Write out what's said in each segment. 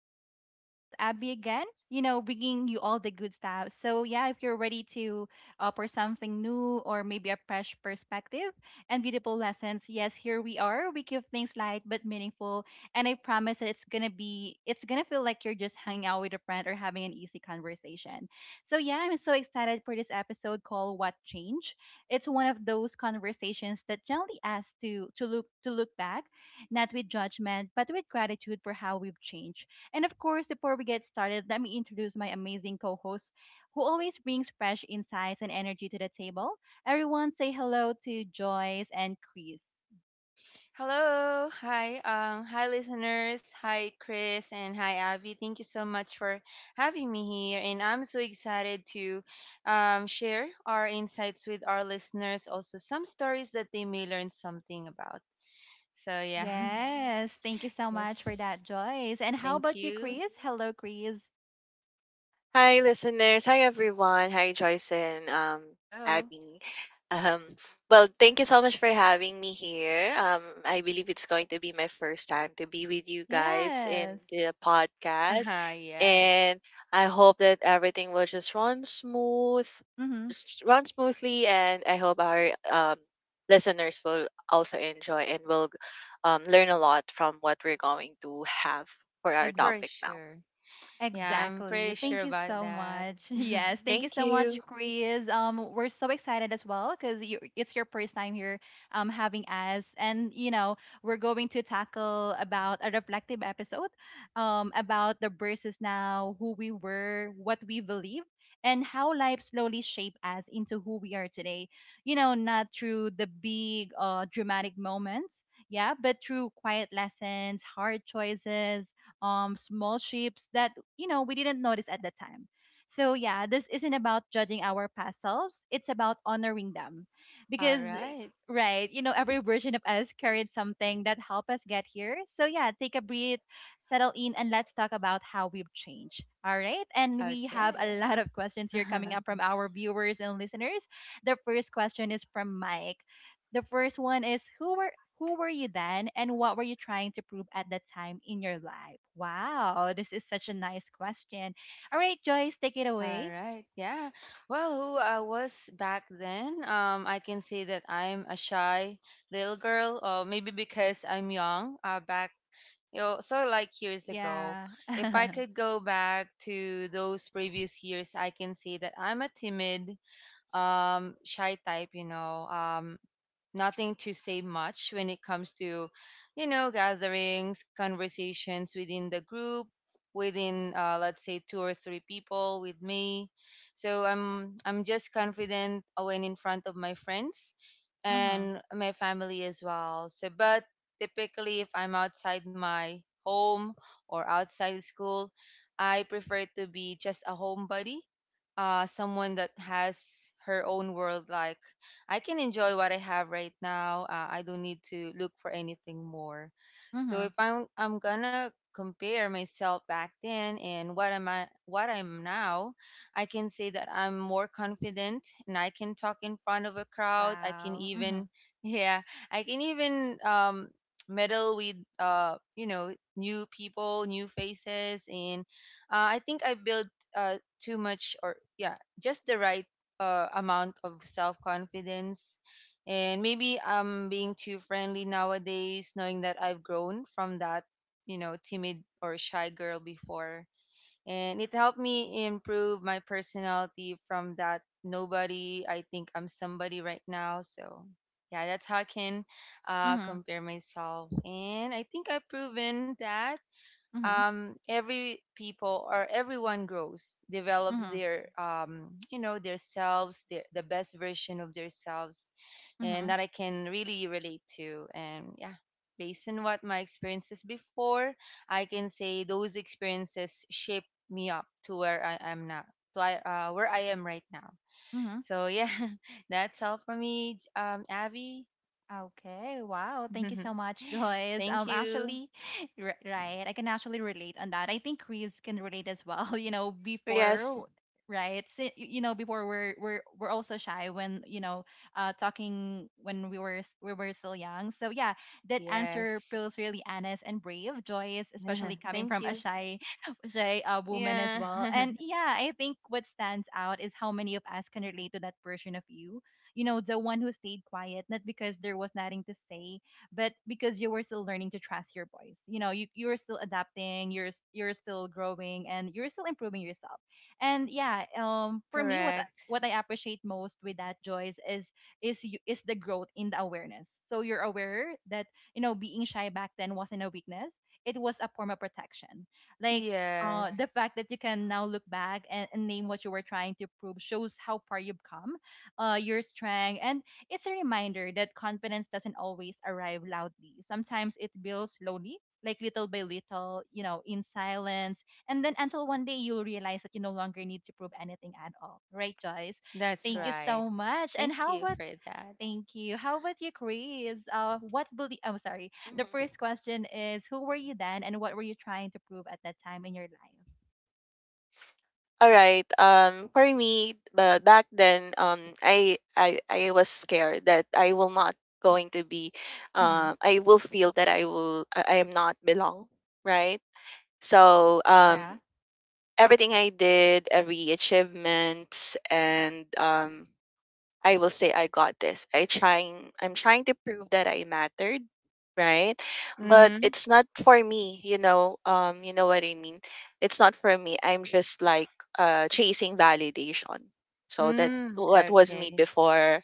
Vibes. It's your host Abby again. Bringing you all the good stuff. If you're ready to offer something new or maybe a fresh perspective and beautiful lessons, yes, here we are. We keep things light but meaningful, and I promise that it's gonna feel like you're just hanging out with a friend or having an easy conversation. So yeah, I'm so excited for this episode called "What Change." It's one of those conversations that gently asks to look back not with judgment, but with gratitude for how we've changed. And of course, before we get started, let me introduce my amazing co host who always brings fresh insights and energy to the table. Everyone say hello to Joyce and Chris. Hello, hi, hi listeners, hi Chris, and hi Abby. Thank you so much for having me here, and I'm so excited to share our insights with our listeners. Also, some stories that they may learn something about. So yeah, Yes, thank you so much for that, yes, Joyce. And how thank about you, you. Chris? Hello, Chris. Hi, listeners. Hi, everyone. Hi, Joyce and Hello. Abby. Um, well, thank you so much for having me here. I believe it's going to be my first time to be with you guys in Yes. the podcast. Yes, And I hope that everything will just run Mm-hmm. Smoothly. And I hope our listeners will also enjoy and will learn a lot from what we're going to have for our for topic now. sure. Yeah, Right. I'm pretty Exactly. sure Thank you about so that. much. Yes, thank you Thank so much, you. Chris. We're so excited as well because it's your first time here, having us, and you know, we're going to tackle about a reflective episode, about the versus now, who we were, what we believe, and how life slowly shaped us into who we are today. You know, not through the big, dramatic moments, yeah, but through quiet lessons, hard choices, small shifts that you know, we didn't notice at the time. So yeah, this isn't about judging our past selves. It's about honoring them, All because right. right, you know every version of us carried something that helped us get here. So yeah, take a breath, settle in, and let's talk about how we've changed. All right, and we have Okay. a lot of questions here coming up from our viewers and listeners. The first question is from Mike. The first one is, who were you then, and what were you trying to prove at that time in your life? Wow, this is such a nice question. All right, Joyce, take it All away. right. Yeah. Well, who I was back then, I can say that I'm a shy little girl, or maybe because I'm young, back, sort of like years ago. Yeah. If I Mhm. could go back to those previous years, I can say that I'm a timid, shy type. Nothing to say much when it comes to, gatherings, conversations within the group, within let's say two or three people with me. So I'm just confident when in front of my friends and my family as well. So but typically if I'm outside my home or outside school, I prefer to be just a homebody, someone that has her own world like I can enjoy what I have right now. I don't need to look for anything more. So Mhm. if I'm gonna compare myself back then and what I'm now, I can say that I'm more confident and I can talk in front of a crowd. I can Wow. Mhm. even yeah, I can even meddle with new people, new faces, and I think I built too much or, yeah, just the right amount of self confidence. And maybe I'm being too friendly nowadays, knowing that I've grown from that, timid or shy girl before. And it helped me improve my personality from that nobody. I think I'm somebody right now. So, yeah, that's how I can Mhm. compare myself. And I think I've proven that Mhm. Every people, or everyone grows, develops Mhm. their their selves, the best version of their selves. And Mhm. that I can really relate to. And, yeah, based on what my experiences before, I can say those experiences shaped me up to where I am now, to where I am right now. Mhm. Mhm. So yeah, that's all for me, Abby. Okay, wow. Thank you so much, Joyce. thank you. Actually, right, I can actually relate on that. I think Chris can relate as well. You know, Yes. before, right? You know, before we're also shy when you know, talking when we were still young. So yeah, that answer Yes. feels really honest and brave, Joyce, especially coming Thank from a you. shy, shy woman as Yeah. well. And yeah, I think what stands out is how many of us can relate to that version of you, you know, the one who stayed quiet, not because there was nothing to say, but because you were still learning to trust your voice. You know, you're still adapting, you're still growing, and you're still improving yourself. And yeah, for me, Correct. what I appreciate most with that, Joyce, is the growth in the awareness. So you're aware that you know being shy back then wasn't a weakness; it was a form of protection. Like yeah, the Yes, fact that you can now look back and name what you were trying to prove shows how far you've come, your strength. And it's a reminder that confidence doesn't always arrive loudly. Sometimes it builds slowly, like little by little, you know, in silence. And then until one day you'll realize that you no longer need to prove anything at all. Right, Joyce? that's Thank Yes. you Yes. so right. much. And Thank how you about for that. Thank you. How about you, Chris? What believe? I'm sorry. The Mhm. first question is, who were you then, and what were you trying to prove at that time in your life? All right. For me, but back then, um, I was scared that I will not going to be, Mm-hmm. I will feel that I will I am not belong, right? So Yeah. everything I did, every achievements and I will say I got this. I'm trying to prove that I mattered, right? But Mm-hmm. it's not for me, you know. You know what I mean? It's not for me. I'm just like chasing validation. So that Mm, what was me okay. before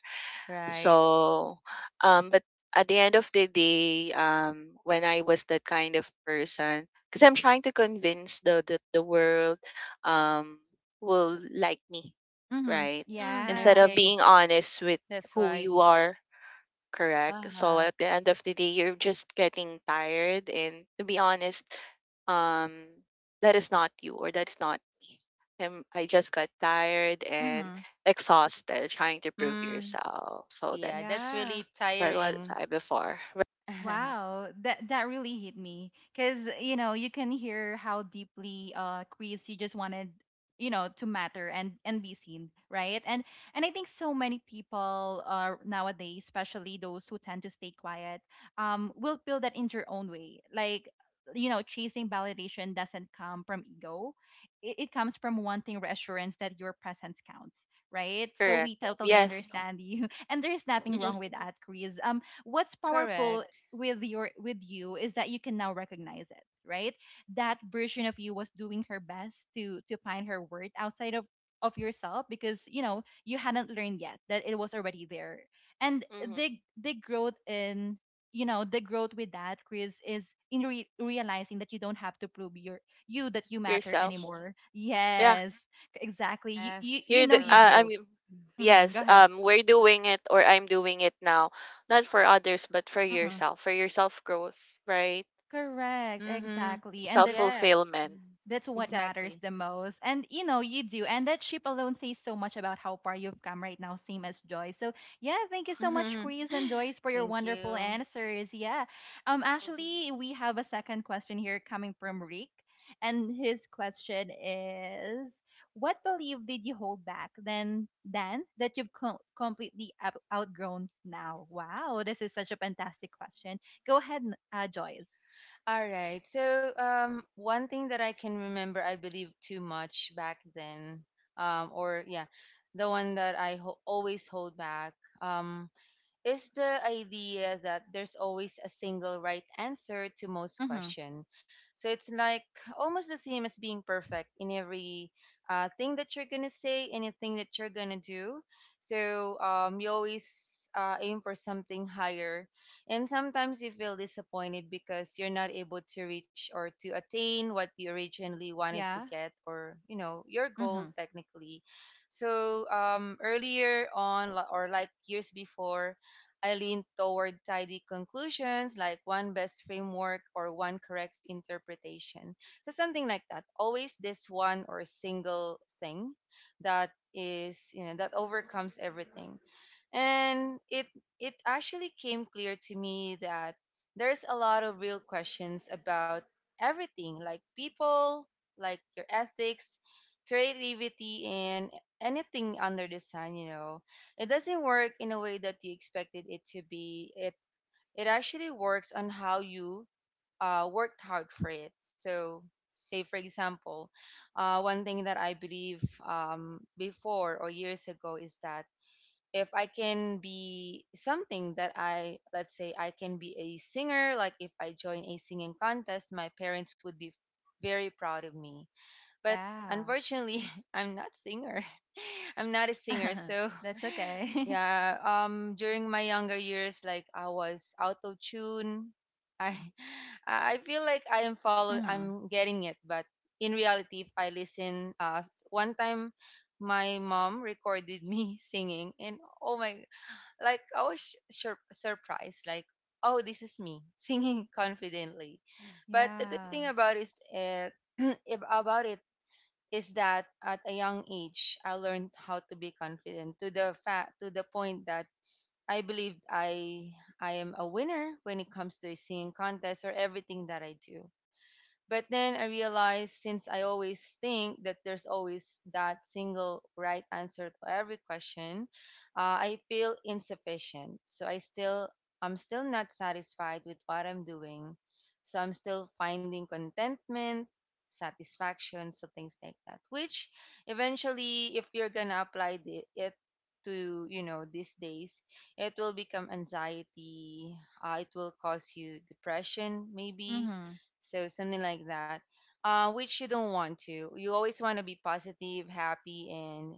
Right. so, but at the end of the day, when I was that kind of person, because I'm trying to convince the world, um, will like me, Mm-hmm. right? Mm, Instead Yeah. of okay, being honest with that's who why. you are. Correct. So Uh-huh. at the end of the day, you're just getting tired. And to be honest, um, that is not you or that is not me. I just got tired and Mm-hmm. exhausted trying to prove Mm, yourself. So yeah, that's that's Yeah. really what was tiring. I before. Wow, that really hit me because you know you can hear how deeply Chris you just wanted you know to matter and be seen, right? And I think so many people nowadays, especially those who tend to stay quiet, will feel that in their own way. Like you know, chasing validation doesn't come from ego; it comes from wanting reassurance that your presence counts, right? So Correct. we totally Yes. understand you, and there's nothing wrong Mhm. with that, Chris. What's Mhm. powerful Correct. With you is that you can now recognize it, right? That version of you was doing her best to find her worth outside of yourself because you know you hadn't learned yet that it was already there and Mhm. the the growth in you know the growth with that, Chris, is in realizing that you don't have to prove you that you matter Yourself. anymore. Yeah. Yes, exactly. Yes, You You're know the. you correct. I do. mean, Hmm, go yes. ahead. We're doing it, or I'm doing it now, not for others, but for Hmm. yourself, for your self growth, right? Correct, Mm-hmm. exactly. And that's Yes, Self-fulfillment. That's what matters exactly. the most. And you know, you do. And that ship alone says so much about how far you've come right now, same as Joy. So yeah, thank you so much, Chris and Joyce, for your Thank wonderful you. answers. Yeah. Mhm, Actually we have a second question here coming from Rick. And his question is, what belief did you hold back then that you've completely outgrown now? Wow, this is such a fantastic question. Go ahead, Joyce. All right. So, one thing that I can remember, I believed too much back then, um, or yeah, the one that I always hold back. Um, is the idea that there's always a single right answer to most Mm-hmm. question. So it's like almost the same as being perfect in every thing that you're gonna say, anything that you're gonna do. So you always aim for something higher, and sometimes you feel disappointed because you're not able to reach or to attain what you originally wanted to Yeah. get, or your goal Mm-hmm. technically. So earlier on, li- or like years before, I lean toward tidy conclusions like one best framework or one correct interpretation. So something like that. Always this one or single thing that is, that overcomes everything. And it actually came clear to me that there's a lot of real questions about everything, like people, like your ethics, creativity, and anything under the sun. It doesn't work in a way that you expected it to be. It actually works on how you worked hard for it. So, say for example, one thing that I believe before or years ago is that if I can be something that I let's say I can be a singer, like if I join a singing contest, my parents would be very proud of me. But Yeah. unfortunately, I'm not singer. I'm not a singer. So, That's okay. yeah, during my younger years, like, I was out of tune. I I feel like I am following Mm-hmm. I'm getting it, but in reality, if I listen one time my mom recorded me singing and, oh my, like, I was surprised, like, oh, this is me singing confidently. But the good thing Yeah. about is it if about it is that at a young age I learned how to be confident to the fact, to the point that I believed I am a winner when it comes to a singing contest or everything that I do. But then I realized, since I always think that there's always that single right answer to every question, I feel insufficient. So I'm still not satisfied with what I'm doing. So I'm still finding contentment, satisfaction, so things like that. Which eventually, if you're gonna apply it to, these days, it will become anxiety. It will cause you depression, maybe, Mm-hmm. so something like that, which you don't want to. You always want to be positive, happy, and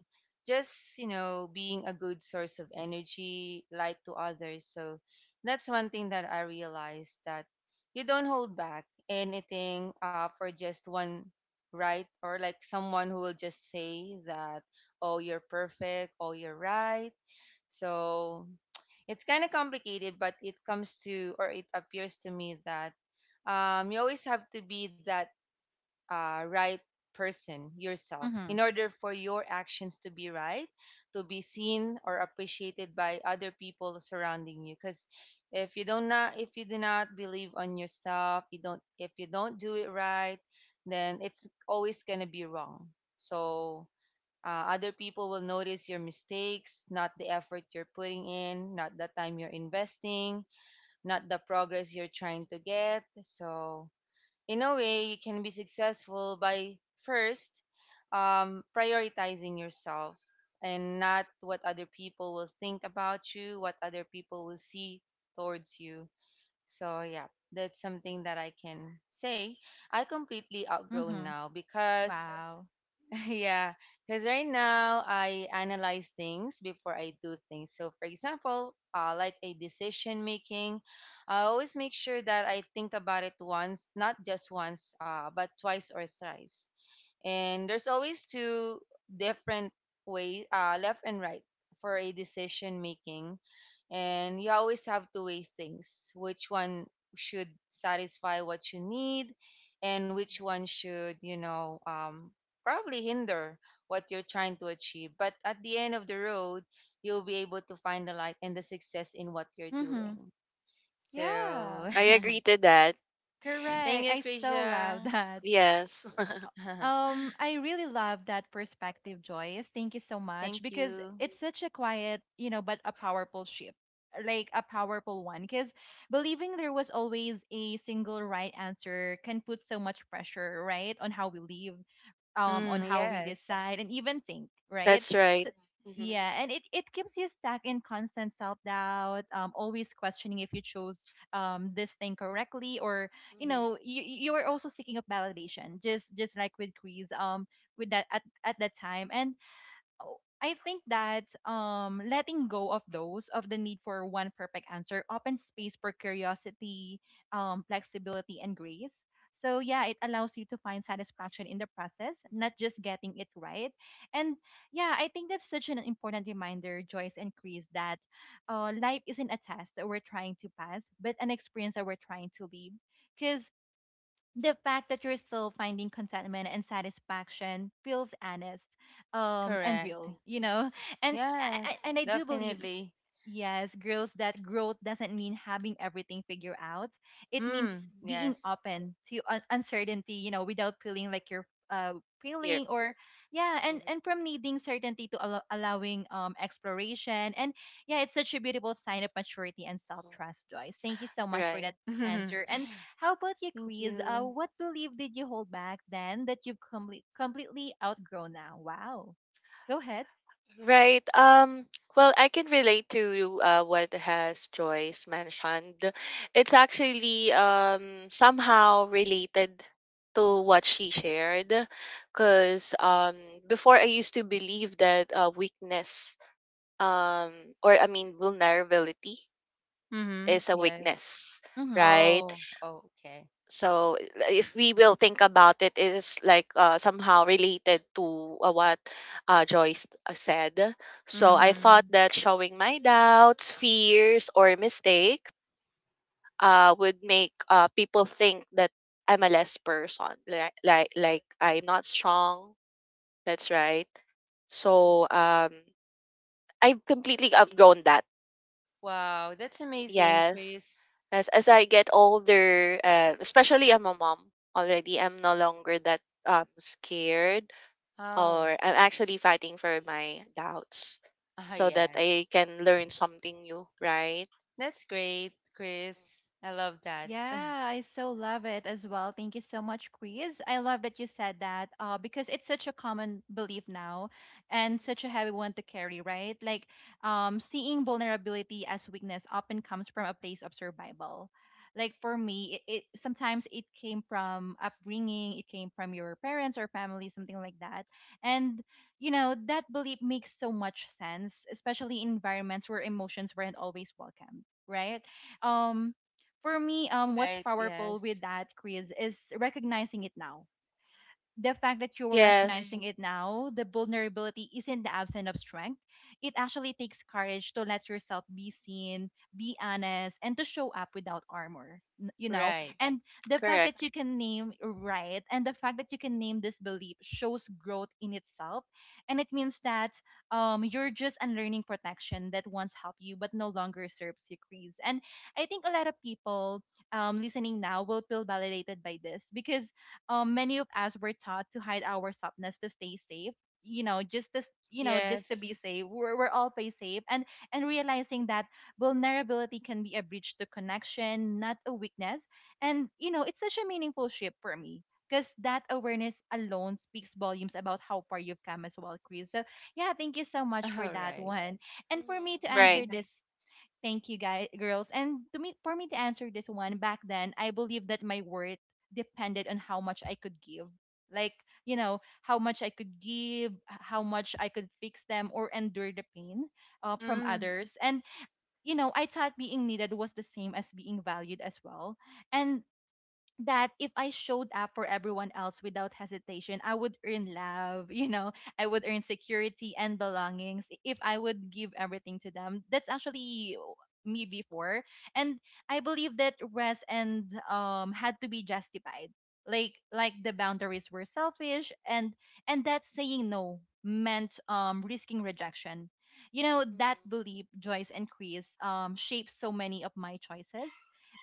just being a good source of energy, light to others. So that's one thing that I realized, that you don't hold back anything for just one right, or like someone who will just say that, oh, you're perfect, oh, you're right. So it's kind of complicated, but it appears to me that you always have to be that right person yourself Mm-hmm. in order for your actions to be right, to be seen or appreciated by other people surrounding you. Because if you do not believe on yourself, you don't if you don't do it right, then it's always gonna be wrong. So other people will notice your mistakes, not the effort you're putting in, not the time you're investing, not the progress you're trying to get. So, in a way, you can be successful by first prioritizing yourself, and not what other people will think about you, what other people will see towards you. So, yeah, that's something that I can say I completely outgrown Mm-hmm. now, because Wow. yeah, because right now I analyze things before I do things. So, for example, like a decision making, I always make sure that I think about it once, not just once, but twice or thrice. And there's always two different ways, left and right, for a decision making. And you always have to weigh things, which one should satisfy what you need and which one should probably hinder what you're trying to achieve. But at the end of the road, you'll be able to find the light and the success in what you're Mm-hmm. doing. mhm. So Yeah. I agree to that. thank Correct. you, I so Krisha. love that. Yes. I really love that perspective, Joyce. Thank you so much Thank because you. it's such a quiet, you know, but a powerful shift. Like a powerful one, because believing there was always a single right answer can put so much pressure, right, on how we live on Mm, how we yes. decide and even think, right? That's right. So Mm-hmm. yeah, and it keeps you stuck in constant self doubt, always questioning if you chose this thing correctly or you Mm-hmm. Mm-hmm. know, you are also seeking of validation, just like with Greece, with that at that time. And oh, I think that letting go of those of the need for one perfect answer opens space for curiosity, flexibility, and grace. So yeah, it allows you to find satisfaction in the process, not just getting it right. And yeah, I think that's such an important reminder, Joyce and Chris, that life isn't a test that we're trying to pass, but an experience that we're trying to live. Because the fact that you're still finding contentment and satisfaction feels honest and Correct. real, you know, and Yes, and I do believe, definitely. yes, girls, that growth doesn't mean having everything figured out. It means Mm, being yes. open to uncertainty, you know, without feeling like you're Here. feeling or yeah, Mhm, and from needing certainty to allowing exploration. And yeah, it's such a beautiful sign of maturity and mhm. self-trust, Joyce. Thank you so much for Right. that Thank answer. And how about you, Chris? You. What belief did you hold back then that you've completely outgrown now? Wow. Go ahead. Right. Well, I can relate to what has Joyce mentioned. It's actually somehow related to what she shared, because before I used to believe that weakness um or I mean vulnerability Mm-hmm. is a Yes. weakness, Mm-hmm. right? Oh, oh, okay. So if we will think about it, it is like somehow related to what Joyce said. So I thought Mm-hmm. that showing my doubts, fears, or mistakes would make people think that I'm a less person, like I'm not strong. That's right. So I've completely outgrown that. Wow, that's amazing, Yes. Chris. As I get older, especially I'm a mom already, I'm no longer that scared Oh, or I'm actually fighting for my doubts ah, so that I yes. can learn something new, right? That's great, Chris. I love that. Yeah, I so love it as well. Thank you so much, Chris. I love that you said that, because it's such a common belief now and such a Mm-hmm. heavy one to carry, right? Like seeing vulnerability as weakness often comes from a place of survival. Like for me, it sometimes it came from upbringing, it came from your parents or family, something like that. And you know that belief makes so much sense, especially in environments where emotions weren't always welcome, right? Um, for me, what's Right, powerful with yes. that, Chris, is recognizing it now, the fact that you are Yes, recognizing it now, the vulnerability isn't the absence of strength. It actually takes courage to let yourself be seen, be honest, and to show up without armor, you know? Right. And the fact that correct. you can name right and the fact that you can name this belief shows growth in itself. And it means that you're just unlearning protection that once helped you but no longer serves you, Chris. And I think a lot of people listening now will feel validated by this because many of us were taught to hide our softness to stay safe, you know, just this, you know, just to be Yes. safe, we're all play safe and realizing that vulnerability can be a bridge to connection, not a weakness, and you know it's such a meaningful shift for me because that awareness alone speaks volumes about how far you've come as well, Chris. So yeah, thank you so much for All that right. one and for Mm-hmm. me to Right, answer Yeah. this. Thank you, guys, girls. And to me, for me to answer this one, back then, I believe that my worth depended on how much I could give. Like, how much I could give, how much I could fix them or endure the pain from Mm, others. I thought being needed was the same as being valued as well. And that if I showed up for everyone else without hesitation, I would earn love, I would earn security and belongings if I would give everything to them. That's actually me before. And I believe that rest and had to be justified. Like the boundaries were selfish and that saying no meant risking rejection. You know, that Mm-hmm. belief, Joyce and Chris, shaped so many of my choices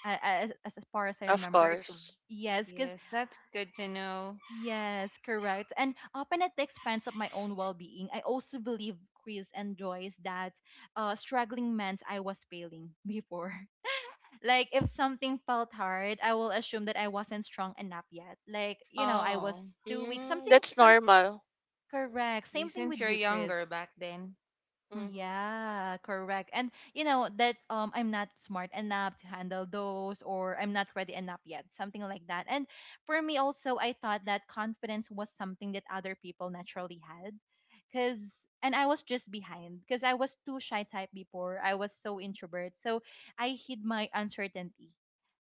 as far as I of remember. Course. Yes, because yes, that's good to know. yes, correct. And often at the expense of my own well-being, I also believe Chris and Joyce that struggling meant I was failing before. Like if something felt hard, I will assume that I wasn't strong enough yet. Like, I was Oh, too weak. Mm, Something, that's some normal. Mm-hmm. Correct. Same you thing with since you're you, Chris. younger back then. Mm-hmm. Yeah, correct. And you know that I'm not smart enough to handle those or I'm not ready enough yet, something like that. And for me also, I thought that confidence was something that other people naturally had cuz and I was just behind because I was too shy type before. I was so introvert. So I hid my uncertainty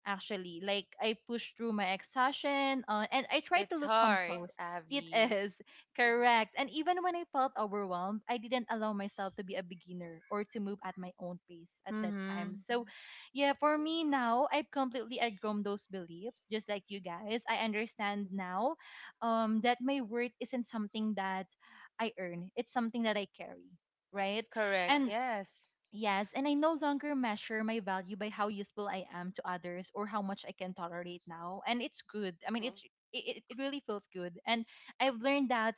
actually. Like I pushed through my exhaustion and I tried to It's look hard, composed. It Abby. is Mm-hmm. correct. And even when I felt overwhelmed, I didn't allow myself to be a beginner or to move at my own pace at that time. Mm-hmm. So, yeah, for me Mm-hmm. now, I've completely outgrown those beliefs, just like you guys. I understand now that my worth isn't something that I earn, it's something that I carry, right? Correct. And Yes. yes, and I no longer measure my value by how useful I am to others or how much I can tolerate now. And it's good. I mean, Mm-hmm. it's it really feels good. And I've learned that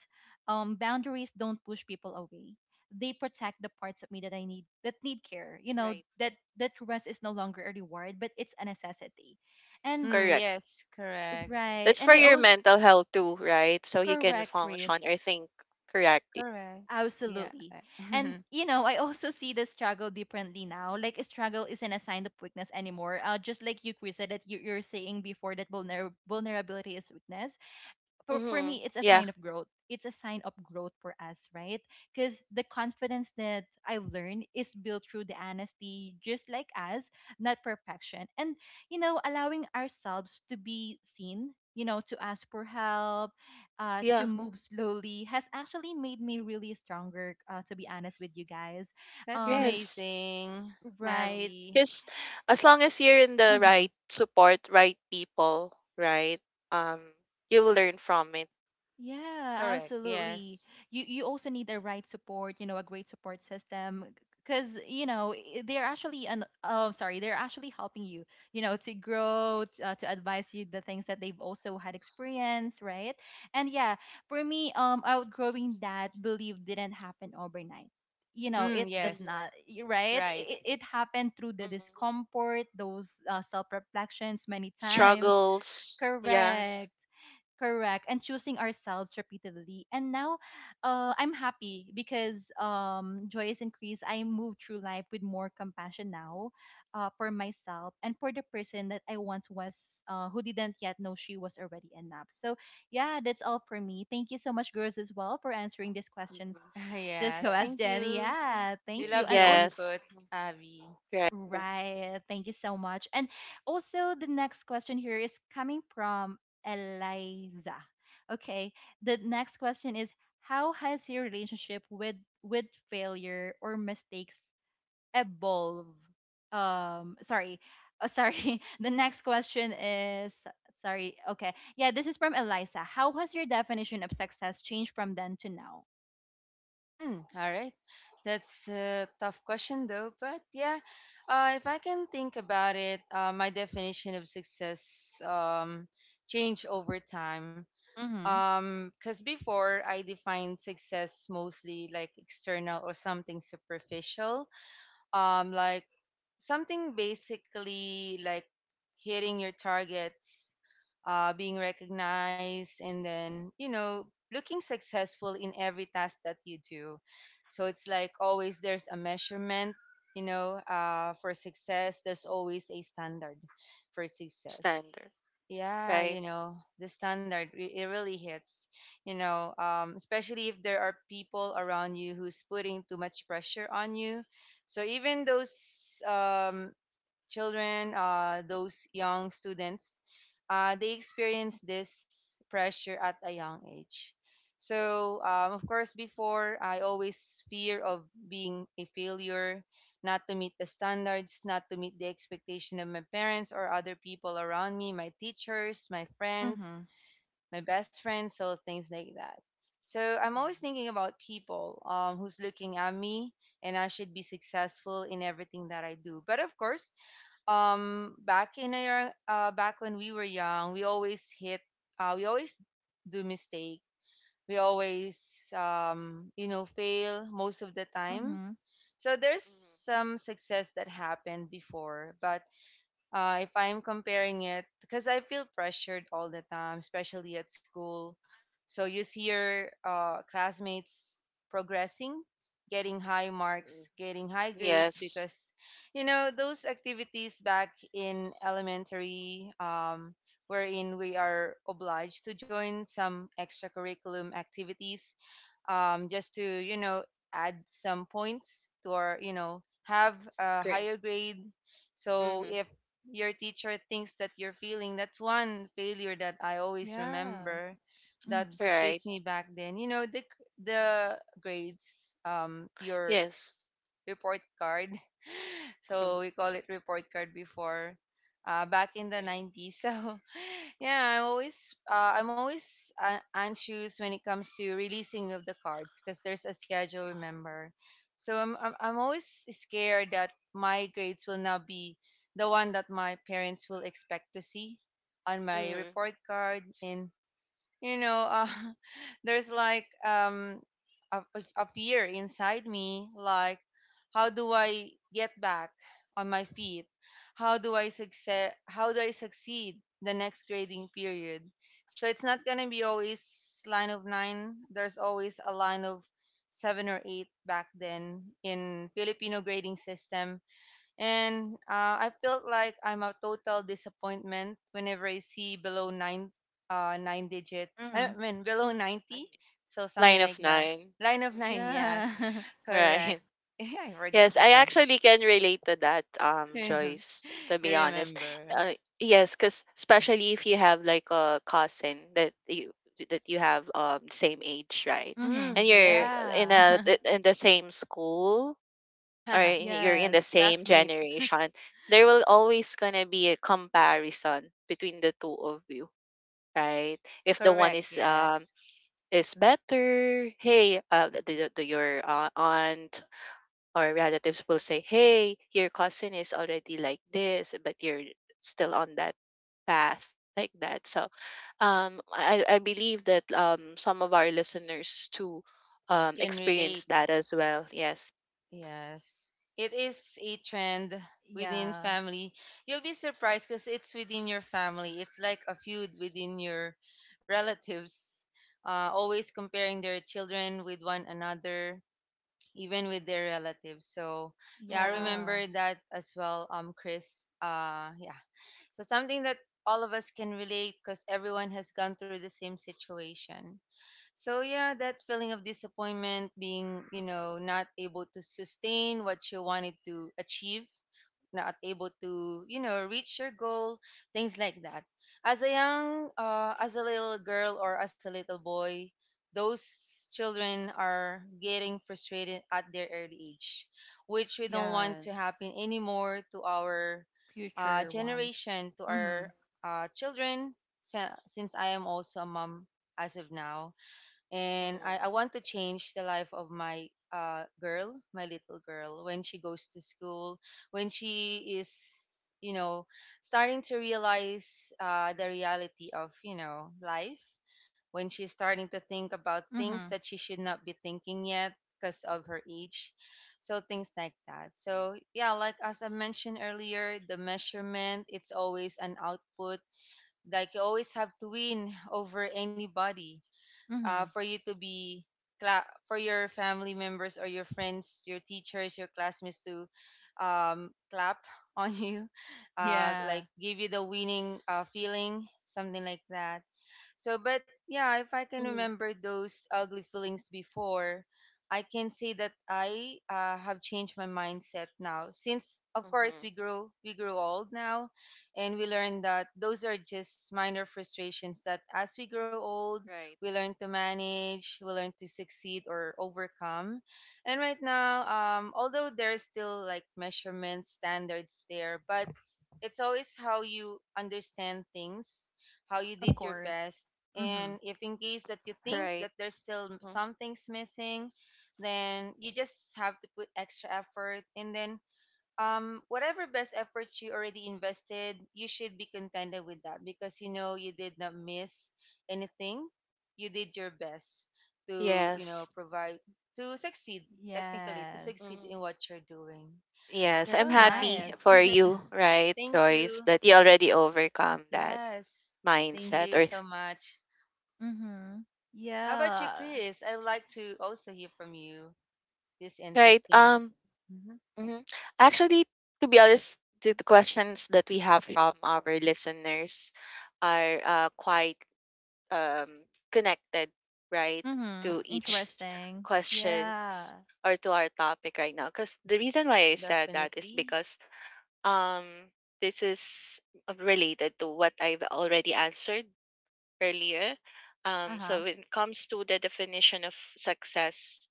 boundaries don't push people away. They protect the parts of me that I need that need care. You know Right, that rest is no longer a reward, but it's a necessity. And Mm, correct. yes. Correct. right, That's and for I your also mental health too, right? So you can correct, function Chris. or think correctly. Correct. Yeah. Absolutely. And you know, I also see the struggle differently now. Like a struggle isn't a sign of weakness anymore. Just like you, Chris, said that you, you're saying before that vulnerability is weakness for Mm-hmm. me it's a Yeah. sign of growth. It's a sign of growth for us, right? Because the confidence that I've learned is built through the honesty, just like us, not perfection. And you know, allowing ourselves to be seen, you know, to ask for help, to Yeah. move slowly has actually made me really stronger, to be honest with you guys. That's And Yes. amazing, Mm-hmm. Right. Abby. Because as long as you're in the right support, right people, right, um, you'll learn from it. Yeah, Correct. absolutely. Yes. You also need the right support, you know, a great support system, because they're actually an oh sorry, they're actually helping you, you know, to grow, to advise you the things that they've also had experience, right? And yeah, for me, outgrowing that belief didn't happen overnight. You know, Mm, it does yes. not, right? Right. It happened through the Hmm discomfort, those self reflections many times. Struggles. Yes. Correct. Correct. And choosing ourselves repeatedly. And now I'm happy because joy is increased. I move through life with more compassion now, for myself and for the person that I once was, who didn't yet know she was already enough. So, yeah, that's all for me. Thank you so much, girls, as well, for answering these questions, Mm-hmm. this Yes. Thank question. you. Yeah, We thank you. love the And also, Yes. input, Mhm. Abby. Right. right. Thank you so much. And also, the next question here is coming from Eliza. Okay. The next question is how has your relationship with failure or mistakes evolved? Sorry. Oh, sorry. The next question is sorry. Okay. Yeah, this is from Eliza. How has your definition of success changed from then to now? Hmm. All right. That's a tough question, though. But yeah, if I can think about it, my definition of success changed over time. Mm-hmm. Because before I defined success mostly like external or something superficial, like something basically like hitting your targets, being recognized, and then looking successful in every task that you do. So it's like always there's a measurement, for success. There's always a standard for success. Standard. Yeah, Right. you know, the standard, it really hits, especially if there are people around you who's putting too much pressure on you. So even those children, those young students, they experience this pressure at a young age. So, of course, before I always fear of being a failure, not to meet the standards, not to meet the expectation of my parents or other people around me, my teachers, my friends, Mm-hmm. my best friend, so things like that. So I'm always Mm-hmm. thinking about people who's looking at me, and I should be successful in everything that I do. But of course, back in our back when we were young, we always do mistake, we always fail most of the time. Mm-hmm. So there's some success that happened before, but if I'm comparing it, because I feel pressured all the time, especially at school. So you see your classmates progressing, getting high Mm-hmm. marks, getting high grades, Yes. because those activities back in elementary, wherein we are obliged to join some extracurriculum activities just to add some points to our have a Great. higher grade. So Mm-hmm. if your teacher thinks that you're failing, that's one failure that I always Yeah. remember that Mm-hmm. frustrates Right. me back then. You know, the grades, your Yes. report card. So we call it report card before, back in the Right. 90s. So yeah, I'm always anxious when it comes to releasing of the cards because there's a schedule. Remember, so I'm always scared that my grades will not be the one that my parents will expect to see on my Mhm. report card. And you know uh, there's like a, a fear inside me like how do I get back on my feet, how do I succeed the next grading period. So it's not going to be always line of 9. There's always a line of 7 or 8 back then in Filipino grading system. And I felt like I'm a total disappointment whenever I see below nine, nine digit. I Mm. mean below 90, I'm so something line like of that. 9. Line of nine, Mhm. yes, Yeah. Yeah. correct. Right. I forgot Yes, that I term. actually can relate to that, Joyce, to You be honest. remember? Uh, yes, because especially if you have like a cousin that you have same age, right? Mm-hmm. Mm, And you're yes. in a Yeah. In the same school or you're in Yes. the same Classmates. generation, there will always gonna be a comparison between the two of you, right? If the one Correct. Yes, is better. Hey, your aunt or relatives will say, hey, your cousin is already like this, but you're still on that path like that. So um, I believe that some of our listeners too can relate. experience that as well. Yes. Yes. It is a trend within Yeah. family. You'll be surprised because it's within your family. It's like a feud within your relatives, always comparing their children with one another, even with their relatives. So, yeah, I Mm-hmm. Yeah. remember that as well, Chris. Yeah. So, something that all of us can relate because everyone has gone through the same situation. So yeah, that feeling of disappointment, being not able to sustain what you wanted to achieve, not able to reach your goal, things like that. As a young, as a little girl or as a little boy, those children are getting frustrated at their early age, which we don't want Yes. to happen anymore to our Future ones. generation, to our Mm-hmm. Children. Since I am also a mom as of now, and I Mm-hmm. want to change the life of my girl, my little girl, when she goes to school, when she is, you know, starting to realize the reality of, you know, life, when she's starting to think about things Mm-hmm. that she should not be thinking yet because of her age. So things like that. So yeah, like as I mentioned earlier, the measurement, it's always an output. Like you always have to win over anybody Mm-hmm. for you to be for your family members or your friends, your teachers, your classmates to clap on you, Yeah. like give you the winning feeling, something like that. So, but yeah, if I can Mm-hmm. remember those ugly feelings before, I can say that I have changed my mindset now. Since, of course, Mm-hmm. We grow old now, and we Mm-hmm. learn that those are just minor frustrations. That as we grow old, Right. we learn to manage, we learn to succeed or overcome. And right now, although there's still like measurement standards there, but it's always how you understand things, how you Of did your course. best. And Mm-hmm. if in case that you think that Right. there's still Mm-hmm. some things missing, then you just have to put extra effort. And then whatever best efforts you already invested, you should be contented with that because you know you did not miss anything. You did your best to, you know, Yes. provide to succeed, technically to Yes. succeed Mm-hmm. in what you're doing. Yes, I'm So That's yeah, happy nice. for you, right, thank Joyce, you. that you already overcome that Yes. Thank Ye- mindset you or so th- much. mm-hmm. How about you, Yeah. Chris? I would like to also hear from you. This right. interesting. Mhm. Mhm. Actually, to be honest, the questions that we have from our listeners are quite um connected, right, Mm-hmm. to each Interesting. Yeah. questions or to our topic right now. Because the reason why I said that is Definitely. because um this is related to what I've already answered earlier. Uh-huh. So when it comes to the definition of success,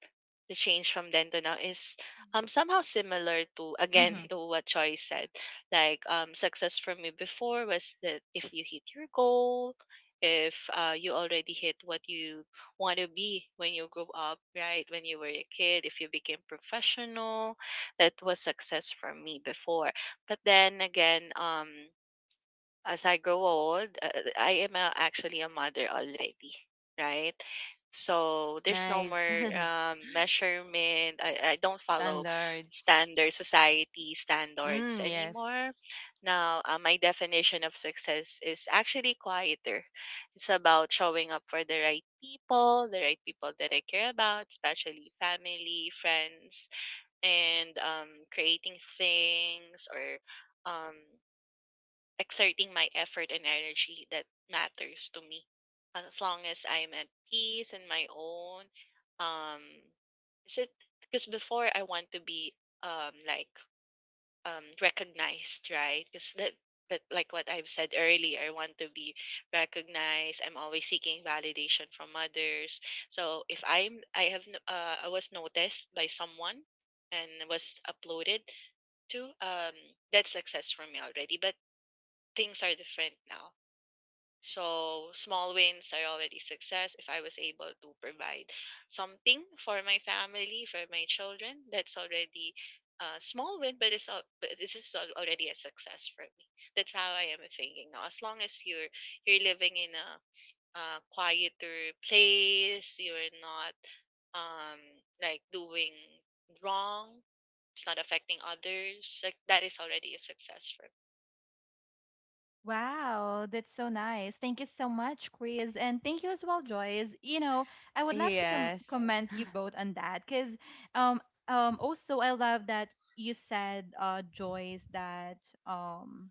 the change from then to now is somehow similar to again Mm-hmm. to what Choi said. Like success for me before was that if you hit your goal, if you already hit what you want to be when you grow up, right? When you were a kid, if you became professional, that was success for me before. But then again, as I grow old, actually a mother already, right? So there's no Nice. more measurement. I don't follow Standards. standard society standards Mm, yes. anymore. Now, my definition of success is actually quieter. It's about showing up for the right people that I care about, especially family, friends, and creating things or um, exerting my effort and energy that matters to me. As long as I'm at peace and my own, um, is it because before I want to be um like recognized, right? Because that that like what I've said earlier, I want to be recognized. I'm always seeking validation from others. So if I'm I have n- I was noticed by someone and was uploaded to that's success for me already. But things are different now. So small wins are already success. If I was able to provide something for my family, for my children, that's already a small win, but this is already a success for me. That's how I am thinking now. As long as you're living in a quieter place, you're not um like doing wrong. It's not affecting others. Like that is already a success for me. Wow, that's so nice. Thank you so much, Chris. And thank you as well, Joyce. You know, I would love to Yes. comment you both on that because um also I love that you said Joyce that um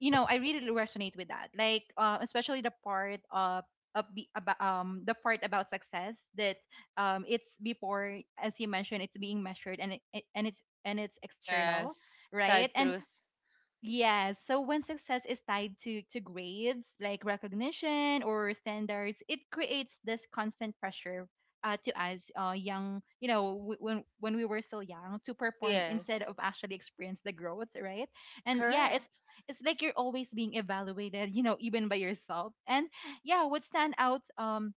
you know, I really resonate with that. Like especially the part of about the part about success that it's before, as you mentioned, it's being measured and it and it's external, Yes. right? Sad And truth. yes. So when success is tied to grades, like recognition or standards, it creates this constant pressure, to us, young, you know, when we were still young, to perform instead Yes. of actually experience the growth, right? And yeah, it's Correct. it's like you're always being evaluated, you know, even by yourself. And yeah, what stand out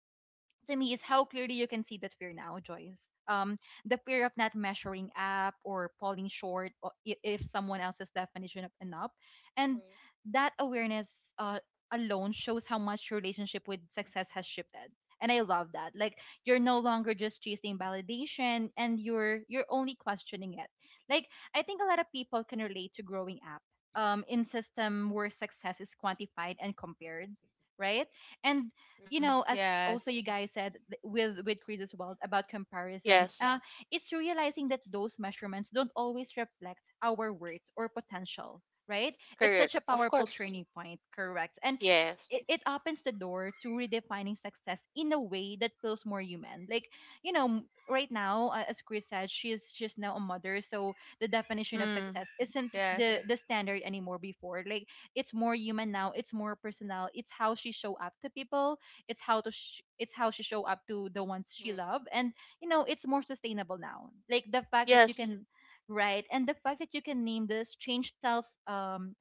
to me is how clearly you can see that fear now, Joyce. The fear of not measuring up or falling short if someone else's definition of enough, and Mhm. that awareness alone shows how much your relationship with success has shifted. And I love that. Like you're no longer just chasing validation, and you're only questioning it. Like I think a lot of people can relate to growing up in system where success is quantified and compared, right? And Mm. you Mm, know, as also yes. you guys said with Chris as well about comparison, Yes, it's Mhm. realizing that those measurements don't always reflect our worth or potential, right? It's such Correct. a Of powerful course. training point, correct? And Yes. it opens the door to redefining success in a way that feels more human. Like, you know, right now, as Chris said, she's now a mother, so the definition of Mm, success isn't yes. the standard anymore. Before, like, it's more human now. It's more personal. It's how she show up to people. It's it's how she show up to the ones she Mm. love, and you know it's more sustainable now. Like the fact that you Yes. can write and the fact that you can name this change tells um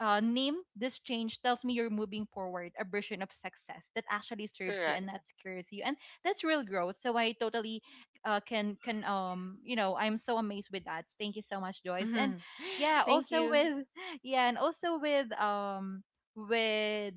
uh, name this change tells me you're moving forward a version of success that actually serves you Correct. and that secures you, and that's real growth. So I totally, can you know, I'm so amazed with that. Thank you so much, Joyce. And yeah, Thank also you. with yeah, and also with with,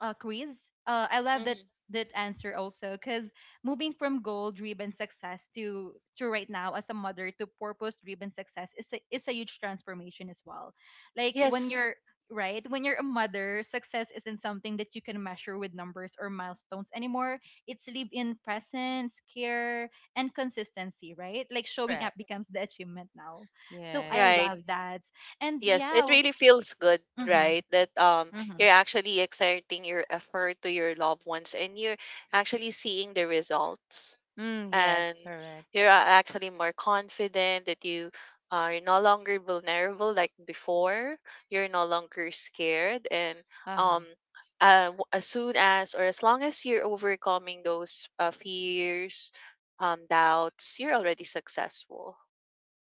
Chris. I love that Mm-hmm. that answer also because moving from goal-driven success to right now as a mother to purpose-driven success is a huge transformation as well. Like when Yes. you're right, when you're a mother, success isn't something that you can measure with numbers or milestones anymore. It's live in presence, care, and consistency, right? Like showing up Correct. becomes the achievement now. So I Right. love Yes. that. And Yes. yeah, It really feels good, mm-hmm, right? That mm-hmm. you're actually exerting your effort to your loved ones and you're actually seeing the results. Mm, yes, And correct. you're actually more confident that you are no longer vulnerable like before, you're no longer scared and um Aha. As soon as or as long as you're overcoming those fears doubts, you're already successful.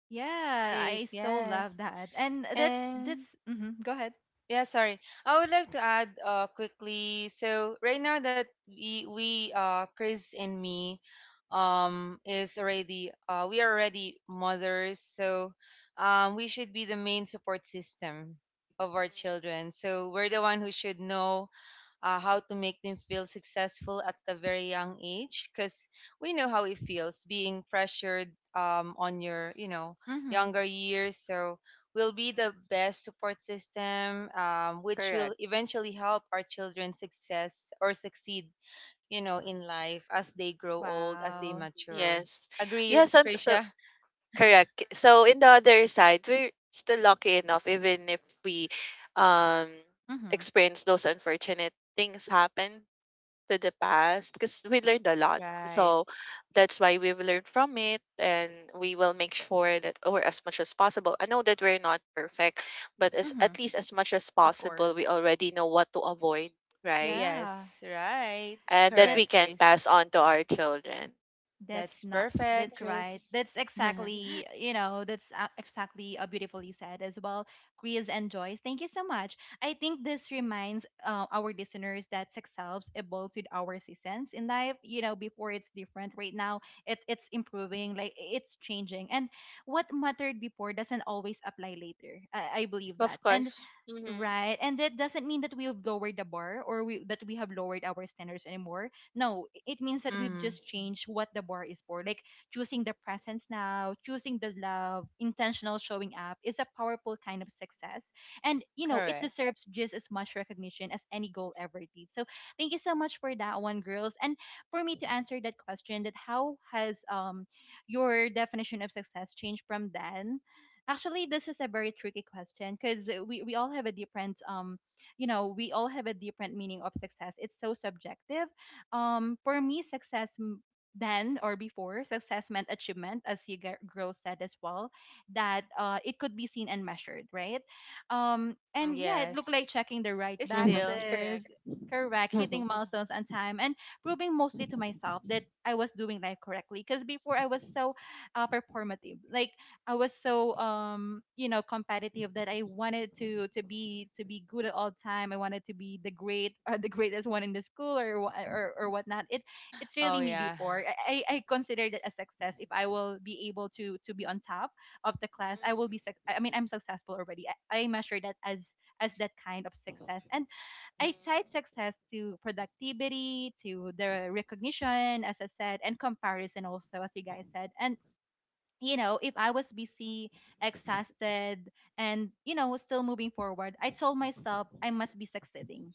Yeah, Right, I so love yes. that. And that's And that's mhm, go ahead. yeah, sorry. I would like to add quickly. So right now that we Chris and me is already we are already mothers, so we should be the main support system of our Mhm, children. So we're the one who should know how to make them feel successful at a very young age because we know how it feels being pressured on your Mhm. younger years, so will be the mhm. best support system, which will Correct. eventually help our children success or succeed, you know, in life as they grow old, as they Wow. mature. Yes. Agree, Yes, and so Krisha? correct. So in the other side, we're still lucky enough, even if we um Mhm. experience those unfortunate things happen to the past, because we learned a lot. Right, So that's why we've learned from it, and we will make sure that, or as much as possible. I know that we're not perfect, but as Mhm. at least as much as Of course. possible, we already know what to avoid, right? Yeah. yes. Right, And that correct, we can That's Chris. pass on to our children. That's That's not, perfect, that's right. Chris. That's exactly, you know, that's exactly, beautifully said as well. Chris and Joyce, thank you so much. I think this reminds, our listeners that sex selves evolves with our seasons in life. You know, before it's different. Right now, it's improving, like it's changing. And what mattered before doesn't always apply later. I believe that. Of And course. Mm-hmm. right. And that doesn't mean that we've lowered the bar or we that we have lowered our standards anymore. No, it means that we've Mm, just changed what the bar is for. Like choosing the presence now, choosing the love, intentional showing up is a powerful kind of success. And you know, it correct. deserves just as much recognition as any goal ever did. So thank you so much for that one, girls. And for me to answer that question that how has your definition of success changed from then. Actually, this is a very tricky question because we all have a different you know, we all have a different meaning of success. It's so subjective. For me, then or before, success meant achievement, as you girl said as well, that it could be seen and measured, right? And Mm, yeah, it looked like yes. checking the right It's Mm-hmm. still. boxes. Correct. Correct, Mm-hmm. hitting milestones on time and proving mostly to myself that I was doing life correctly. Because before I was so performative. Like I was so you know competitive that I wanted to to be good at all time. I wanted to be the great or the greatest one in the school or or whatnot. It's Oh really me yeah. before. I consider that a success if I will be able to be on top of the class. I will be Mm-hmm. I'm successful already. I measure that as that kind of success, and I tied Mm, success to productivity, to the recognition as I said, and comparison also as you guys said. And you know, if I was busy, exhausted, and, you know, was still moving forward, I told myself I must be succeeding,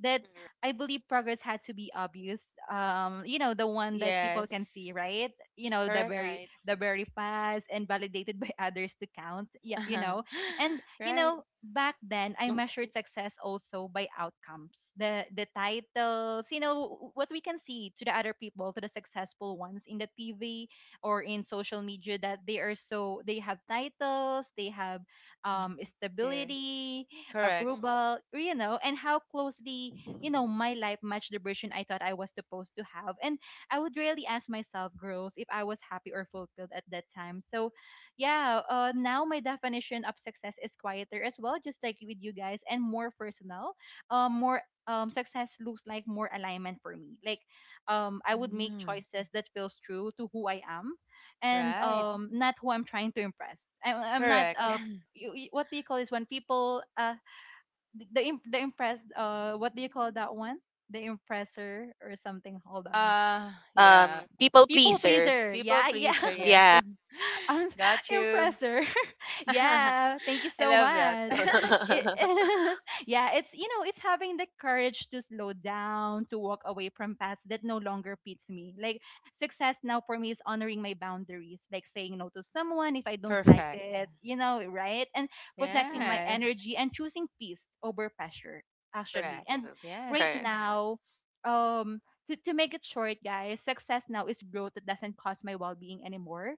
that I believe progress had to be obvious. You know, the one that people can Yes. see, right? You know, the Correct. very right. the very fast, and validated by others to count. Yeah, you know. And you Right. know, back then I hmm measured success also by outcomes. The titles, you know, what we can see to the other people, to the successful ones in the TV or in social media, that they are so they have titles, they have Mm, yeah. stability, Correct. approval, you know, and how closely, you know, my life matched the version I thought I was supposed to have. And I would really ask myself, girls, if I was happy or fulfilled at that time. So, yeah, now my definition of success is quieter as well, just like with you guys, and more personal. More Success looks like more alignment for me. Like, I would make Mm, choices that feels true to who I am, and yeah, right. Not who I'm trying to impress. I'm not Correct. What do you call this when people the impressed, uh, what do you call that one, the impressor or something, hold on. Yeah. People People pleaser. pleaser, People yeah. pleaser, Mhm, yes. yeah. i'm s- Got you. Impressor, I yeah, thank you so love that. much. It, yeah, it's you know, it's having the courage to slow down, to walk away from paths that no longer fits me. Like success now for me is honoring my boundaries, like saying no to someone if I don't like Perfect. it, you know, right? And protecting my Mhm. Yes. energy and choosing peace over pressure, actually. Correct. And Mm, right Yes. correct. now, um to make it short, guys, success now is growth that doesn't cost my well being anymore.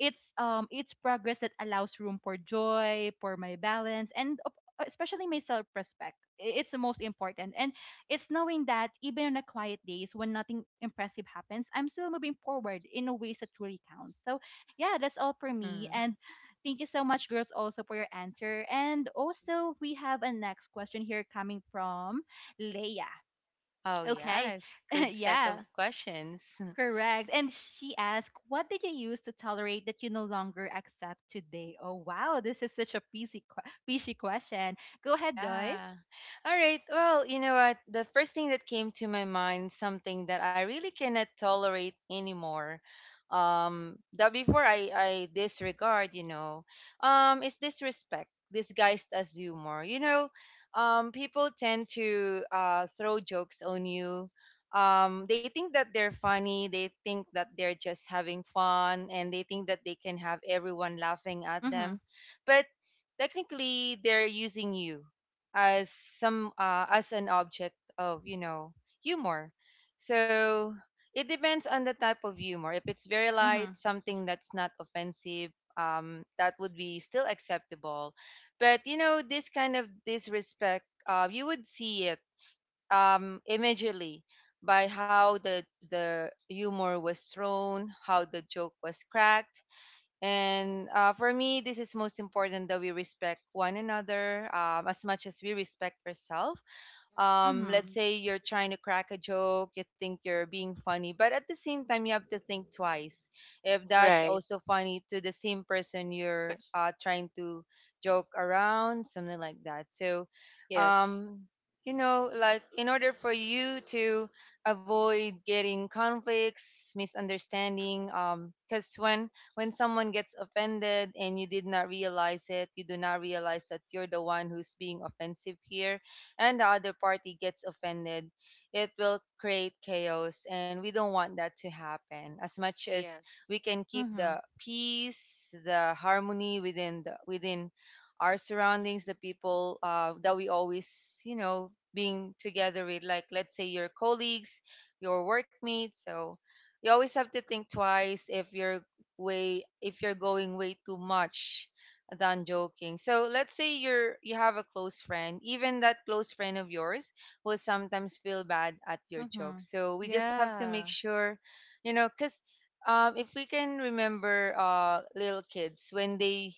It's progress that allows room for joy, for my balance, and op- especially my self-respect. It's the most important. And it's knowing that even on the quiet days when nothing impressive happens, I'm still moving forward in a ways that truly counts. So yeah, that's all for me. Hmm. And thank you so much girls also for your answer. And also we have a next question here coming from Leia. Oh Okay. yes. Good set of Yeah. questions. Correct. And she asked, what did you use to tolerate that you no longer accept today? Oh, wow. This is such a peasy, peasy question. Go ahead, Joyce. Yeah. All right. Well, you know what? The first thing that came to my mind, something that I really cannot tolerate anymore, that before I disregard, you know, is disrespect disguised as humor. You know, people tend to throw jokes on you. They think that they're funny. They think that they're just having fun, and they think that they can have everyone laughing at Mm hmm. them. But technically, they're using you as some as an object of, you know, humor. So it depends on the type of humor. If it's very Mm hmm. light, something that's not offensive, that would be still acceptable. But you know, this kind of disrespect, you would see it immediately by how the humor was thrown, how the joke was cracked. And for me, this is most important, that we respect one another as much as we respect ourselves. Mhm. Let's Mm say you're trying to crack a joke, you think you're being funny, but at the same time, you have to think twice if that's Right. also funny to the same person you're trying to joke around, something like that. So, Yes. um, you know, like in order for you to avoid getting conflicts, misunderstanding, because when someone gets offended and you did not realize it, you do not realize that you're the one who's being offensive here and the other party gets offended, it will create chaos. And we don't want that to happen. As much as Yes. we can hmm. keep Mm hmm. the peace, the harmony within within our surroundings, the people that we always, you know, being together with, like let's say your colleagues, your workmates. So you always have to think twice if you're way if you're going way too much than joking. So let's say you have a close friend, even that close friend of yours will sometimes feel bad at your Mm hmm. jokes. So we just have to make Yeah. sure, you know, because if we can remember little kids when they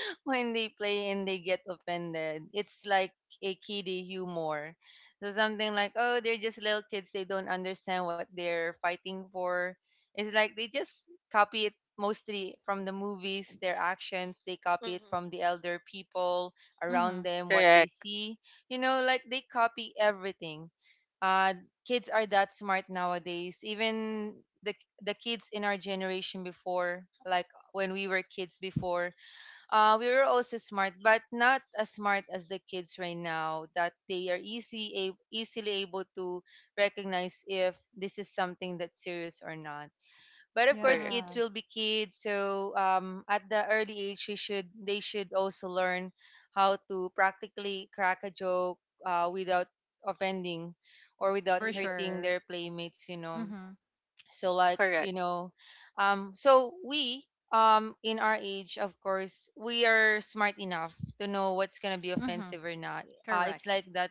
when they play and they get offended. It's like a kiddie humor. So something like, oh, they're just little kids. They don't understand what they're fighting for. It's like they just copy it mostly from the movies, their actions. They copy it hmm from the elder people Mm around hmm. them, what they Correct. see. You know, like they copy everything. Uh, kids are that smart nowadays. Even the the kids in our generation before, like when we were kids before, we were also smart, but not as smart as the kids right now. That they are easy, easily able to recognize if this is something that's serious or not. But of course, Correct. kids Yeah. will be kids. So at the early age, we should they should also learn how to practically crack a joke without offending or without For Mm-mm. hurting sure. their playmates. You Mm know, hmm. so like you Correct. know, so we in our age of course we are smart enough to know what's gonna be Mm hmm. offensive or not. It's Correct. like that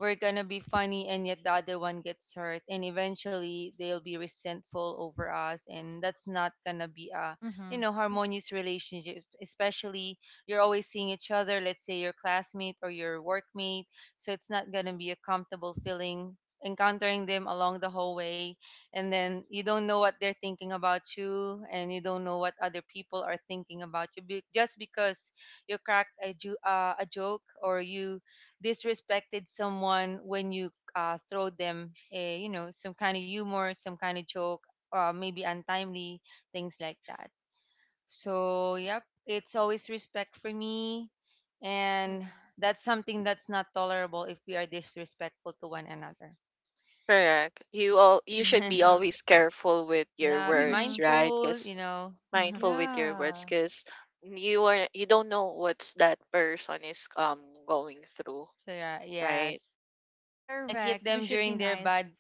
we're gonna be funny and yet the other one gets hurt and eventually they'll be resentful over us, and that's not gonna be a, Mm you hmm. know, harmonious relationship, especially you're always seeing each other, let's say your classmate or your workmate. So it's not gonna be a comfortable feeling encountering them along the hallway, and then you don't know what they're thinking about you and you don't know what other people are thinking about you just because you cracked a, a joke or you disrespected someone when you throw them, a, you know, some kind of humor, some kind of joke, or maybe untimely things like that. So, yep, it's always respect for me, and Hmm that's something that's not tolerable if we are disrespectful to one another. Correct. You all you should Mm be hmm. always careful with your Yeah, be Mm words, hmm. right? mindful, you Because know. So mindful with your words, Yeah. because you don't know what's that person is going through, yeah, right? yes. You might hit Correct. We them should be during their nice. bad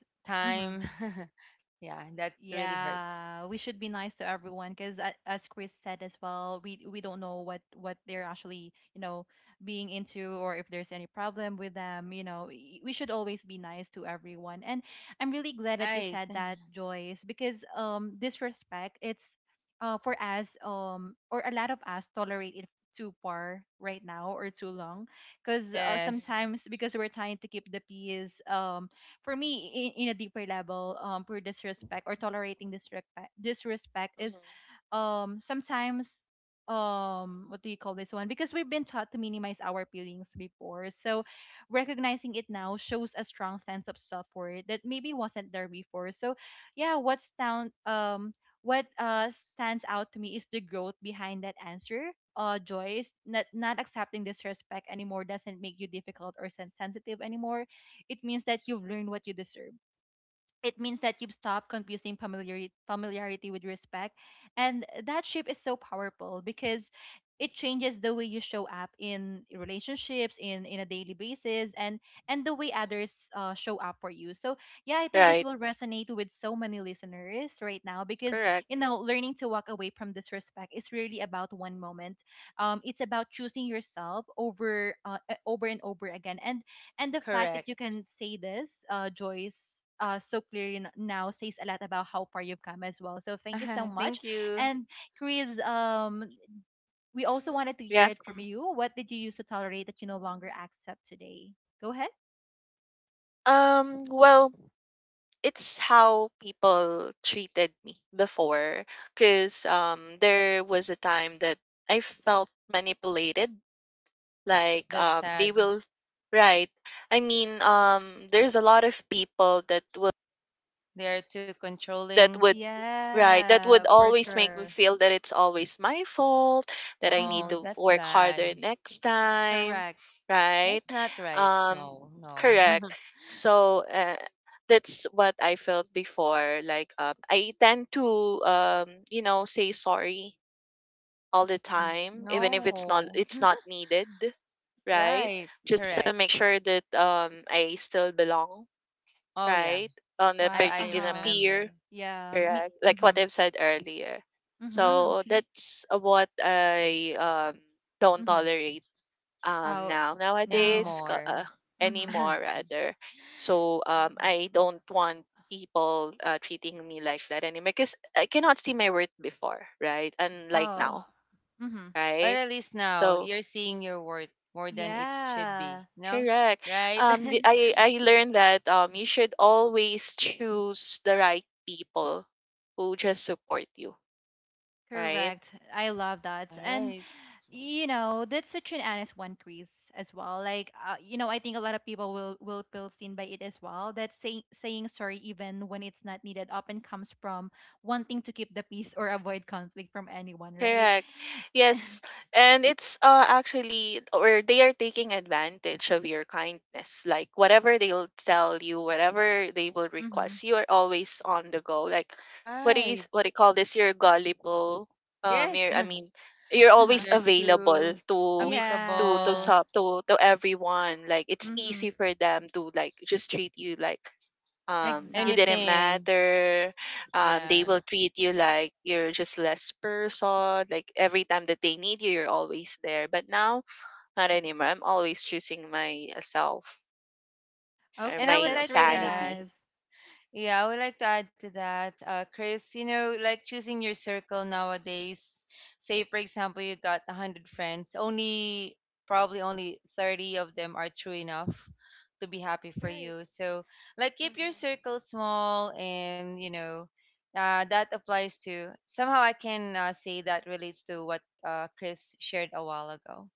Mm hmm. time. Yeah, that really hurts. Yeah, we should be nice to everyone because, as Chris said as well, we don't know what they're actually you know being into, or if there's any problem with them. You know, we should always be nice to everyone. And I'm really glad that you Right. said that, Joyce, because disrespect, it's for us or a lot of us tolerate it too far right now or too long, because Yes. sometimes because we're trying to keep the peace. For me, in a deeper level, poor disrespect or tolerating disrespect, disrespect hmm is sometimes what do you call this one, because we've been taught to minimize our feelings before, so recognizing it now shows a strong sense of support that maybe wasn't there before. So yeah, what's down, what stands out to me is the growth behind that answer, Joyce. Not accepting disrespect anymore doesn't make you difficult or sensitive anymore. It means that you've learned what you deserve. It means that you've stopped confusing familiarity, familiarity with respect. And that shift is so powerful because it changes the way you show up in relationships in a daily basis, and the way others show up for you. So yeah, I think this Right. will resonate with so many listeners right now, because Correct. you know learning to walk away from disrespect is really about one moment. It's about choosing yourself over over and over again. And the fact that you Correct. can say this, Joyce, so clearly now says a lot about how far you've come as well. So thank you so much. Thank you. And Chris, we also Hmm wanted to hear Yeah. it from you. What did you used to tolerate that you no longer accept today? Go ahead. Well, it's how people treated me before. Cause there was a time that I felt manipulated. Oh, Like that's they sad. will right. I mean, there's a lot of people that will They are too that controlling. would right that Yeah, would for always make me sure. feel that it's always my fault that I need Mm-hmm. Oh, to that's work harder bad. next time, Correct. right, That's not right. um, No, no. correct. So that's what I felt before. Like I tend to you know say sorry all the Hmm, time even if no. it's not needed, right, Right. just to Correct. make sure that I still belong, Oh, yeah. right, on a Wow. parti I in a Uh-huh. peer. remember. Yeah. Me. Correct. Like what Mm-hmm. I've said earlier. Mm-hmm. Mm, So okay. that's what I don't Mm-hmm. tolerate um Oh, now now. nowadays ca- Anymore. uh, Mm-hmm. anymore Okay. rather. So I don't want people treating me like that anymore because I cannot see my worth before, right? And like Oh. Um, now, Mm-hmm. but right? at least now So you're seeing your worth more than it should Yeah. be. No? correct. Right? I learned that you should always choose the right people who just support you, right? Correct. I love that. All And, right. you know, that's such an honest one, Chris, as well. Like, you know, I think a lot of people will feel seen by it as well. That say, saying sorry, even when it's not needed, often comes from wanting to keep the peace or avoid conflict from anyone, right? Correct. Yes. And it's actually, or they are taking advantage of your kindness. Like, whatever they'll tell you, whatever they will Mm-hmm. request, you are always on the go. Like, what is, Right. what do you call this? You're gullible. You're, Yes. I mean, you're Uh-huh. always You're available too to, Yeah. amicable, to everyone. Like, it's Mm-hmm. easy for them to, like, just treat you like, you didn't Exactly. anything. matter. Yeah. They will treat you like you're just less person. Like every time that they need you, you're always there. But now, not anymore. I'm always choosing my self or And I Okay, would my that's like to really sanity. add, nice. yeah, I would like to add to that, Chris, you know, like choosing your circle nowadays. Say, for example, you got 100 friends, only probably only 30 of them are true enough to be happy for Right. you. So, like, keep your circle hmm small and, you know, that applies to somehow I can say that relates to what Chris shared a while ago.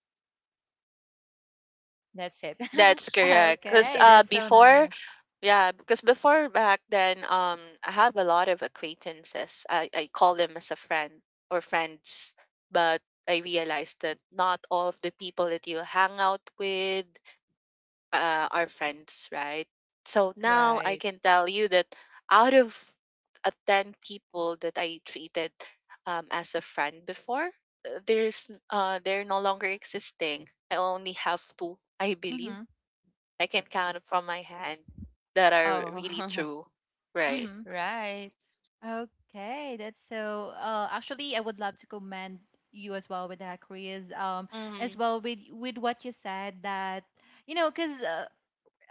That's it. That's correct. Because Okay, Eh, that's so nice. yeah, because before back then, I have a lot of acquaintances. I call them as a friend or friends, but I realized that not all of the people that you hang out with are friends, right? So now I right. can tell you that out of 10 people that I treated as a friend before, there's they're no longer existing. I only have two, I believe Mm-hmm. I can count from my hand that are Oh, really true, right? Mm-hmm. right. Okay, that's so. Actually, I would love to commend you as well with that, Chris. As Mm-hmm. well with what you said that you know, because uh,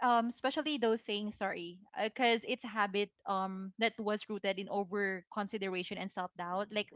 um especially those saying sorry because it's a habit that was rooted in over consideration and self doubt,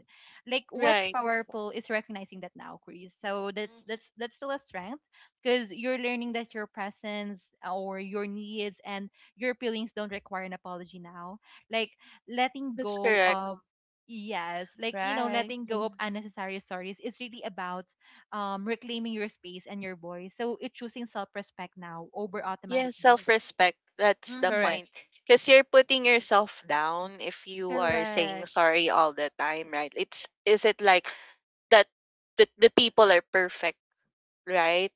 like what's Right. powerful is recognizing that now, Chris, so that's Mm-hmm. that's that's still a strength, because you're learning that your presence or your needs and your feelings don't require an apology now, like letting That's go correct. of, yes like you know Right. letting go of unnecessary stories is really about reclaiming your space and your voice. So it's choosing self respect now over Yeah, automatic guilt. self-respect. That's the Mm-hmm. Correct. point. Because you're putting yourself down if you are saying Correct. sorry all the time, right? It's is it like that that the people are perfect, right?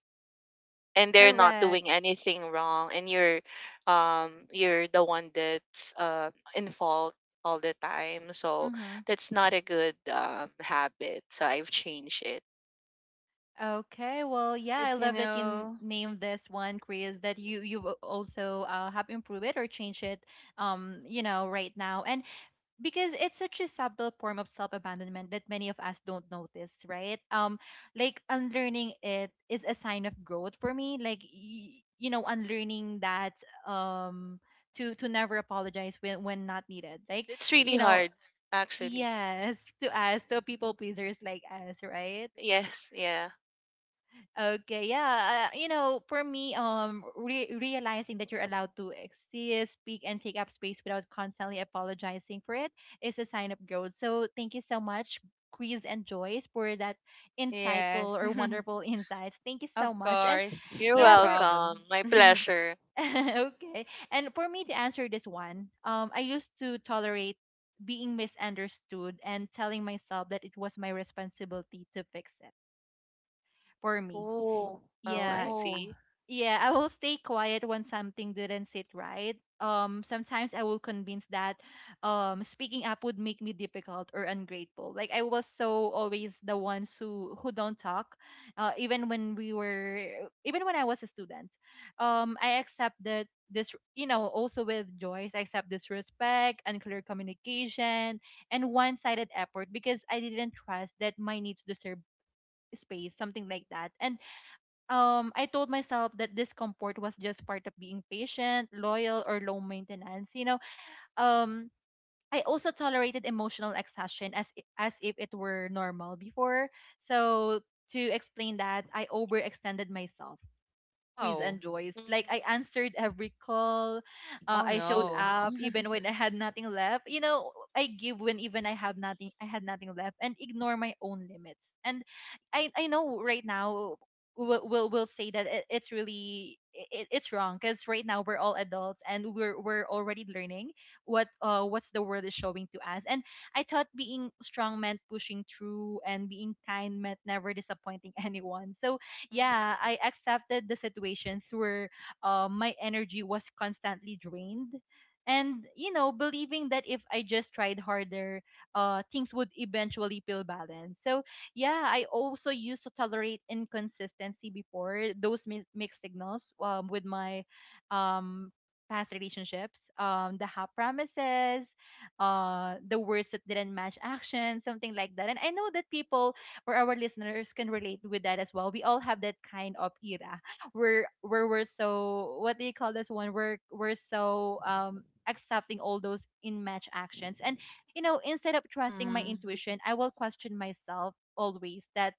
And they're not Correct. doing anything wrong and you're the one that's in fault all the time, so Mm-hmm. that's not a good habit, so I've changed it. Okay. Well, Ah, yeah, good I to love that you know. named this one, Chris, that you also have improved it or changed it, you know, right now. And because it's such a subtle form of self-abandonment that many of us don't notice, right? Like unlearning it is a sign of growth for me, like you know Hmm unlearning that um to never apologize when not needed, like It's really you know, hard actually. yes to us, to people pleasers like us, right? Yes, yeah. Okay, yeah. You know, for me, realizing that you're allowed to exist, speak, and take up space without constantly apologizing for it is a sign of growth. So, thank you so much, Quiz and Joyce, for that insightful Yes. or wonderful insights. Thank you Of so much. And course. You're No yeah, for welcome, problem. my pleasure. okay, and for me to answer this one, I used to tolerate being misunderstood and telling myself that it was my responsibility to fix it for me. Ooh. Oh, I Yeah, Oh. see. yeah, I will stay quiet when something didn't sit right. Sometimes I will convince that speaking up would make me difficult or ungrateful. Like I was so always the ones who don't talk, uh, even when we were even when I was a student. I accept that this you know also with Joyce I accept disrespect, unclear communication, and one-sided effort because I didn't trust that my needs deserve space, something like that. And I told myself that discomfort was just part of being patient, loyal, or low maintenance. You know, um, I also tolerated emotional exhaustion as as if it were normal before. So to explain that, I overextended myself, Quiz Oh. and Joyce, like I Mm-hmm. answered every call. Oh I Oh showed no. wow. up even when I had nothing left. You know, I give when even I have nothing. I had nothing left, and ignore my own limits. And I know right now we'll say that it, it's really it, it's wrong, because right now we're all adults and we're already learning what what's the world is showing to us. And I thought being strong meant pushing through, and being kind meant never disappointing anyone. So yeah, Mm-hmm. I accepted the situations where my energy was constantly drained. And, you know, believing that if I just tried harder, things would eventually feel balanced. So, yeah, I also used to tolerate inconsistency before, those mixed signals with my um, past relationships, the half promises, the words that didn't match action, something like that. And I know that people or our listeners can relate with that as well. We all have that kind of era where we're so what do you call this one? We're so accepting all those in match actions. And instead of trusting my Mm. intuition, I will question myself always that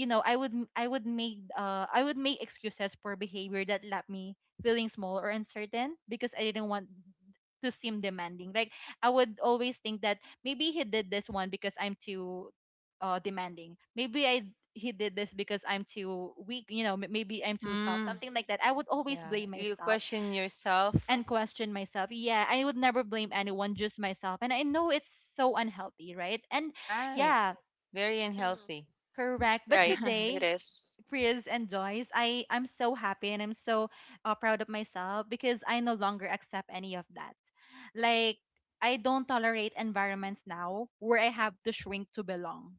I would make excuses for behavior that left me feeling small or uncertain because I didn't want to seem demanding. Like I would always think that maybe he did this one because I'm too demanding. Maybe I He did this because I'm too weak, you know, maybe I'm too soft, Mm. something like that. I would always Yeah. blame You myself question yourself. and question myself. Yeah, I would never blame anyone, just myself, and I know it's so unhealthy, right? and Right. yeah Very unhealthy. Mm-hmm. correct. But Right, I it today, is. Priz and Joyce, I'm so happy and I'm so proud of myself because I no longer accept any of that. Like, I don't tolerate environments now where I have to shrink to belong.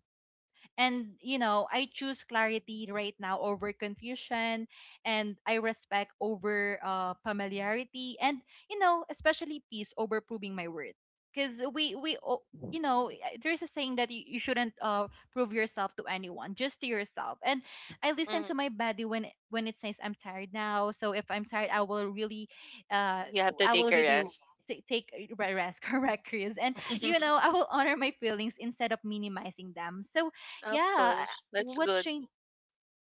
And, you know, I choose clarity right now over confusion and I respect over familiarity, and, you know, especially peace over proving my worth. Because you know, there's a saying that you shouldn't prove yourself to anyone, just to yourself. And I listen to Mm-hmm. my body when when it says I'm tired now. So if I'm tired, uh, You have to I will take a really rest. take a rest, correct, Chris. And you know, I will honor my feelings instead of minimizing them. So Of yeah I- course, that's what good. changed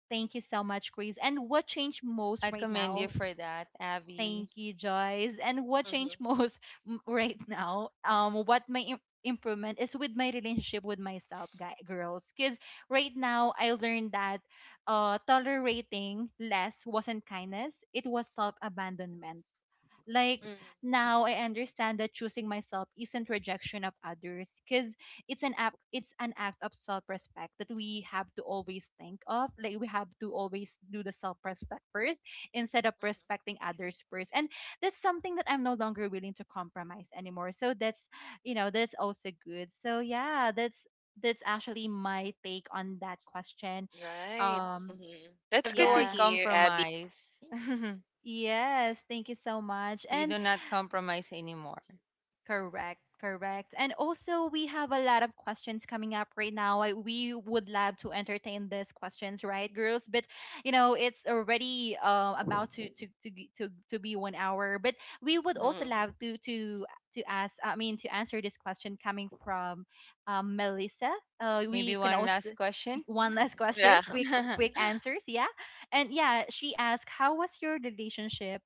thank you so much, Chris. And what changed most right commend you now? for that, Abby. Thank you, Joyce. And what Mm-hmm. changed most right now? What my improvement is with my relationship with myself, guy girls, because right now I learned that tolerating less wasn't kindness, it was self-abandonment. Like, Mm-hmm. now I understand that choosing myself isn't rejection of others, because it's an act of self-respect that we have to always think of. Like, we have to always do the self-respect first instead of respecting others first. And that's something that I'm no longer willing to compromise anymore. So that's, you know, that's also good. So yeah, that's actually my take on that question. Right. Um Mhm. I love That's the good to word yeah. hear, Abby. compromise. Yes, thank you so much. You And do not compromise anymore. correct, correct. And also, we have a lot of questions coming up right now. We would love to entertain these questions, right, girls? But you know, it's already about to g- to be 1 hour. But we would also Mhm. love to ask. I mean, to answer this question coming from Melissa. We Maybe can one also last question. one last question, Yeah. quick quick answers, yeah. And yeah, she asked, "How was your relationship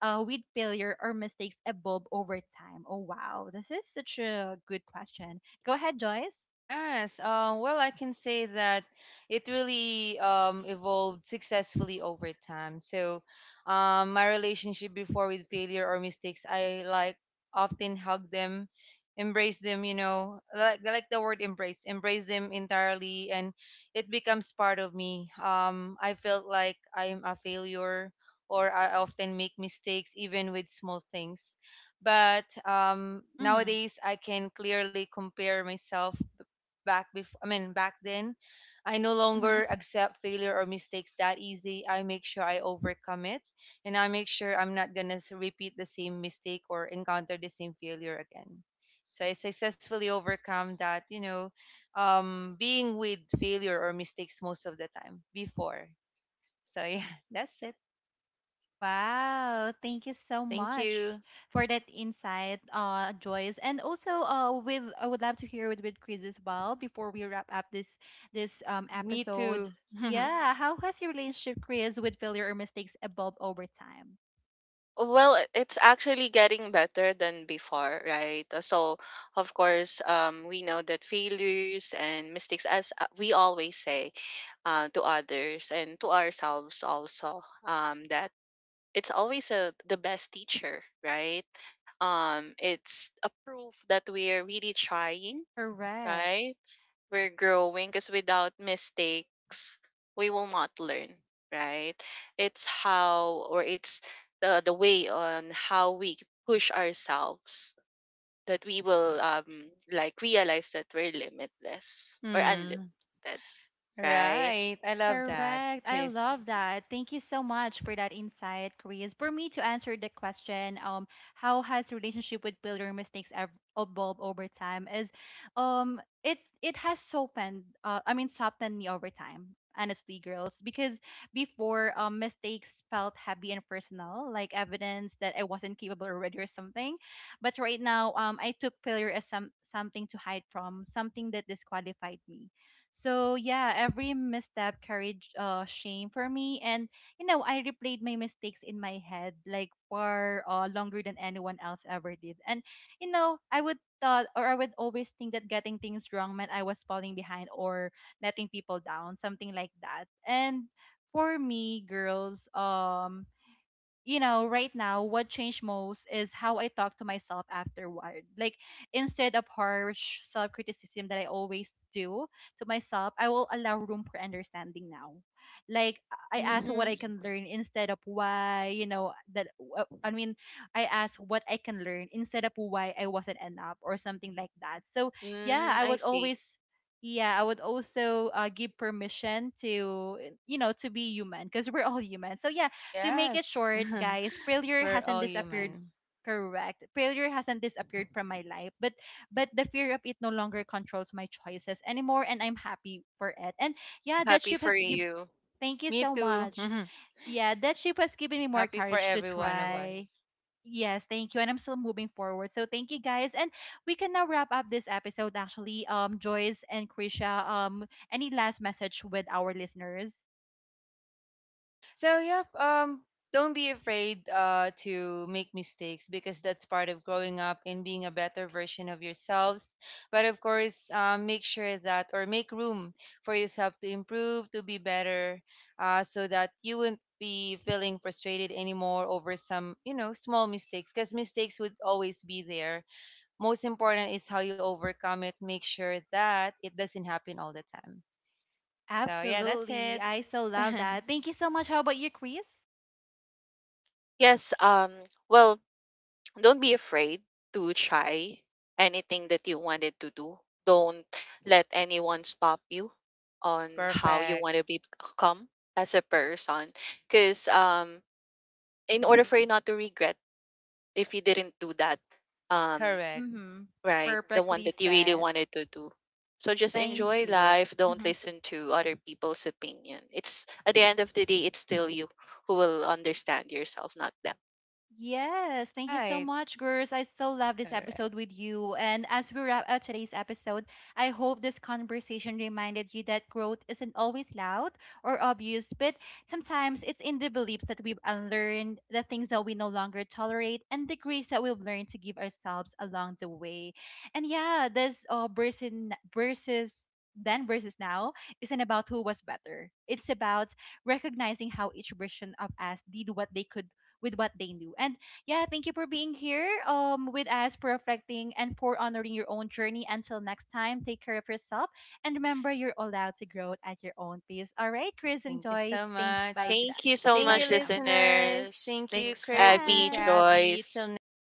with failure or mistakes evolve over time? Oh wow, this is such a good question. Go ahead, Joyce. Yes. Well, I can say that it really evolved successfully over time. So, my relationship before with failure or mistakes, I like often hug them, embrace them. You know, like the word embrace, embrace them entirely, and it becomes part of me. I felt like I'm a failure, or I often make mistakes, even with small things. But Mm-hmm. nowadays, I can clearly compare myself back before, I mean, back then, I no Mm-hmm. longer Hmm. accept failure or mistakes that easy. I make sure I overcome it and I make sure I'm not going to repeat the same mistake or encounter the same failure again. So I successfully overcome that, you know, being with failure or mistakes most of the time before. So yeah, that's it. Wow, thank you so Thank much you. for that insight, Joyce. And also, with I would love to hear with Chris as well before we wrap up this Me episode. too. Yeah, Mm-hmm. how has your relationship, Chris, with failure or mistakes evolved over time? Well, it's actually getting better than before, right? So, of course, we know that failures and mistakes, as we always say to others and to ourselves also, that it's always the best teacher, right? It's a proof that we're really trying, Correct. right? We're growing because without mistakes we will not learn, right. It's how or it's the way on how we push ourselves that we will like realize that we're limitless or Hmm. unlimited, right. Right. I love that, Correct. I Chris. love that. Thank you so much for that insight, Chris. For me to answer the question, how has relationship with failure mistakes evolved over time is, um, it it has softened. I mean, softened me over time. Honestly, girls, because before mistakes felt heavy and personal, like evidence that I wasn't capable already or something. But right now, I took failure as something to hide from, something that disqualified me. So yeah, every misstep carried shame for me, and you know, I replayed my mistakes in my head like far longer than anyone else ever did. And you know, I would always think that getting things wrong meant I was falling behind or letting people down, something like that. And for me, girls, you know, right now, what changed most is how I talk to myself afterward. Like, instead of harsh self criticism that I always do to myself, I will allow room for understanding now. Like, I Mm-hmm. ask what I Mm-hmm. can learn instead of why, you know, that I mean, I ask what I can learn instead of why I wasn't enough or something like that. So, yeah, Mm, I I would see. always. Yeah, I would also give permission to, you know, to be human because we're all human. So, yeah, to make it Yes. short, guys, failure We're hasn't all disappeared. human. Correct. Failure hasn't disappeared from my life, but the fear of it no longer controls my choices anymore, and I'm happy for it. And yeah, that Happy ship for has give. you. Thank you Me so too. much. Yeah, that ship has given me more Happy for courage to every one of try. us. Yes, thank you, and I'm still moving forward. So thank you, guys, and we can now wrap up this episode. Actually, Joyce and Krisha, any last message with our listeners? So yep, don't be afraid to make mistakes because that's part of growing up and being a better version of yourselves. But of course, make sure that or make room for yourself to improve, to be better, so that you won't be feeling frustrated anymore over some, you know, small mistakes because mistakes would always be there. Most important is how you overcome it. Make sure that it doesn't happen all the time. So yeah, that's Absolutely. it. I so love that. Thank you so much. How about you, Chris? Yes, well, don't be afraid to try anything that you wanted to do. Don't let anyone stop you on how you want Perfect. to become as a person. Because in order for you not to regret if you didn't do that, um, Correct. Mm-hmm. right, the one Perfectly that you really said. wanted to do. So just Thank enjoy you. life. Don't Mm-hmm. listen to other people's opinion. It's at the end of the day, it's still you who will understand yourself, not them. Yes, thank you so Right. much, girls. I still love this Correct. episode with you. And as we wrap up today's episode, I hope this conversation reminded you that growth isn't always loud or obvious, but sometimes it's in the beliefs that we've unlearned, the things that we no longer tolerate, and the grace that we've learned to give ourselves along the way. And yeah, this versus, then versus now, isn't about who was better. It's about recognizing how each version of us did what they could with what they knew. And yeah, thank you for being here with us, for reflecting, and for honoring your own journey. Until next time, take care of yourself. And remember, you're allowed to grow at your own pace. All right, Chris and Thank you so Joyce, thanks. Bye much. to that. Thank you so Say Thank bye you, much, to them. listeners. listeners. Thank you, Thanks, Chris. Abby, Thank you, Bye. Avi. Joyce. Till next time.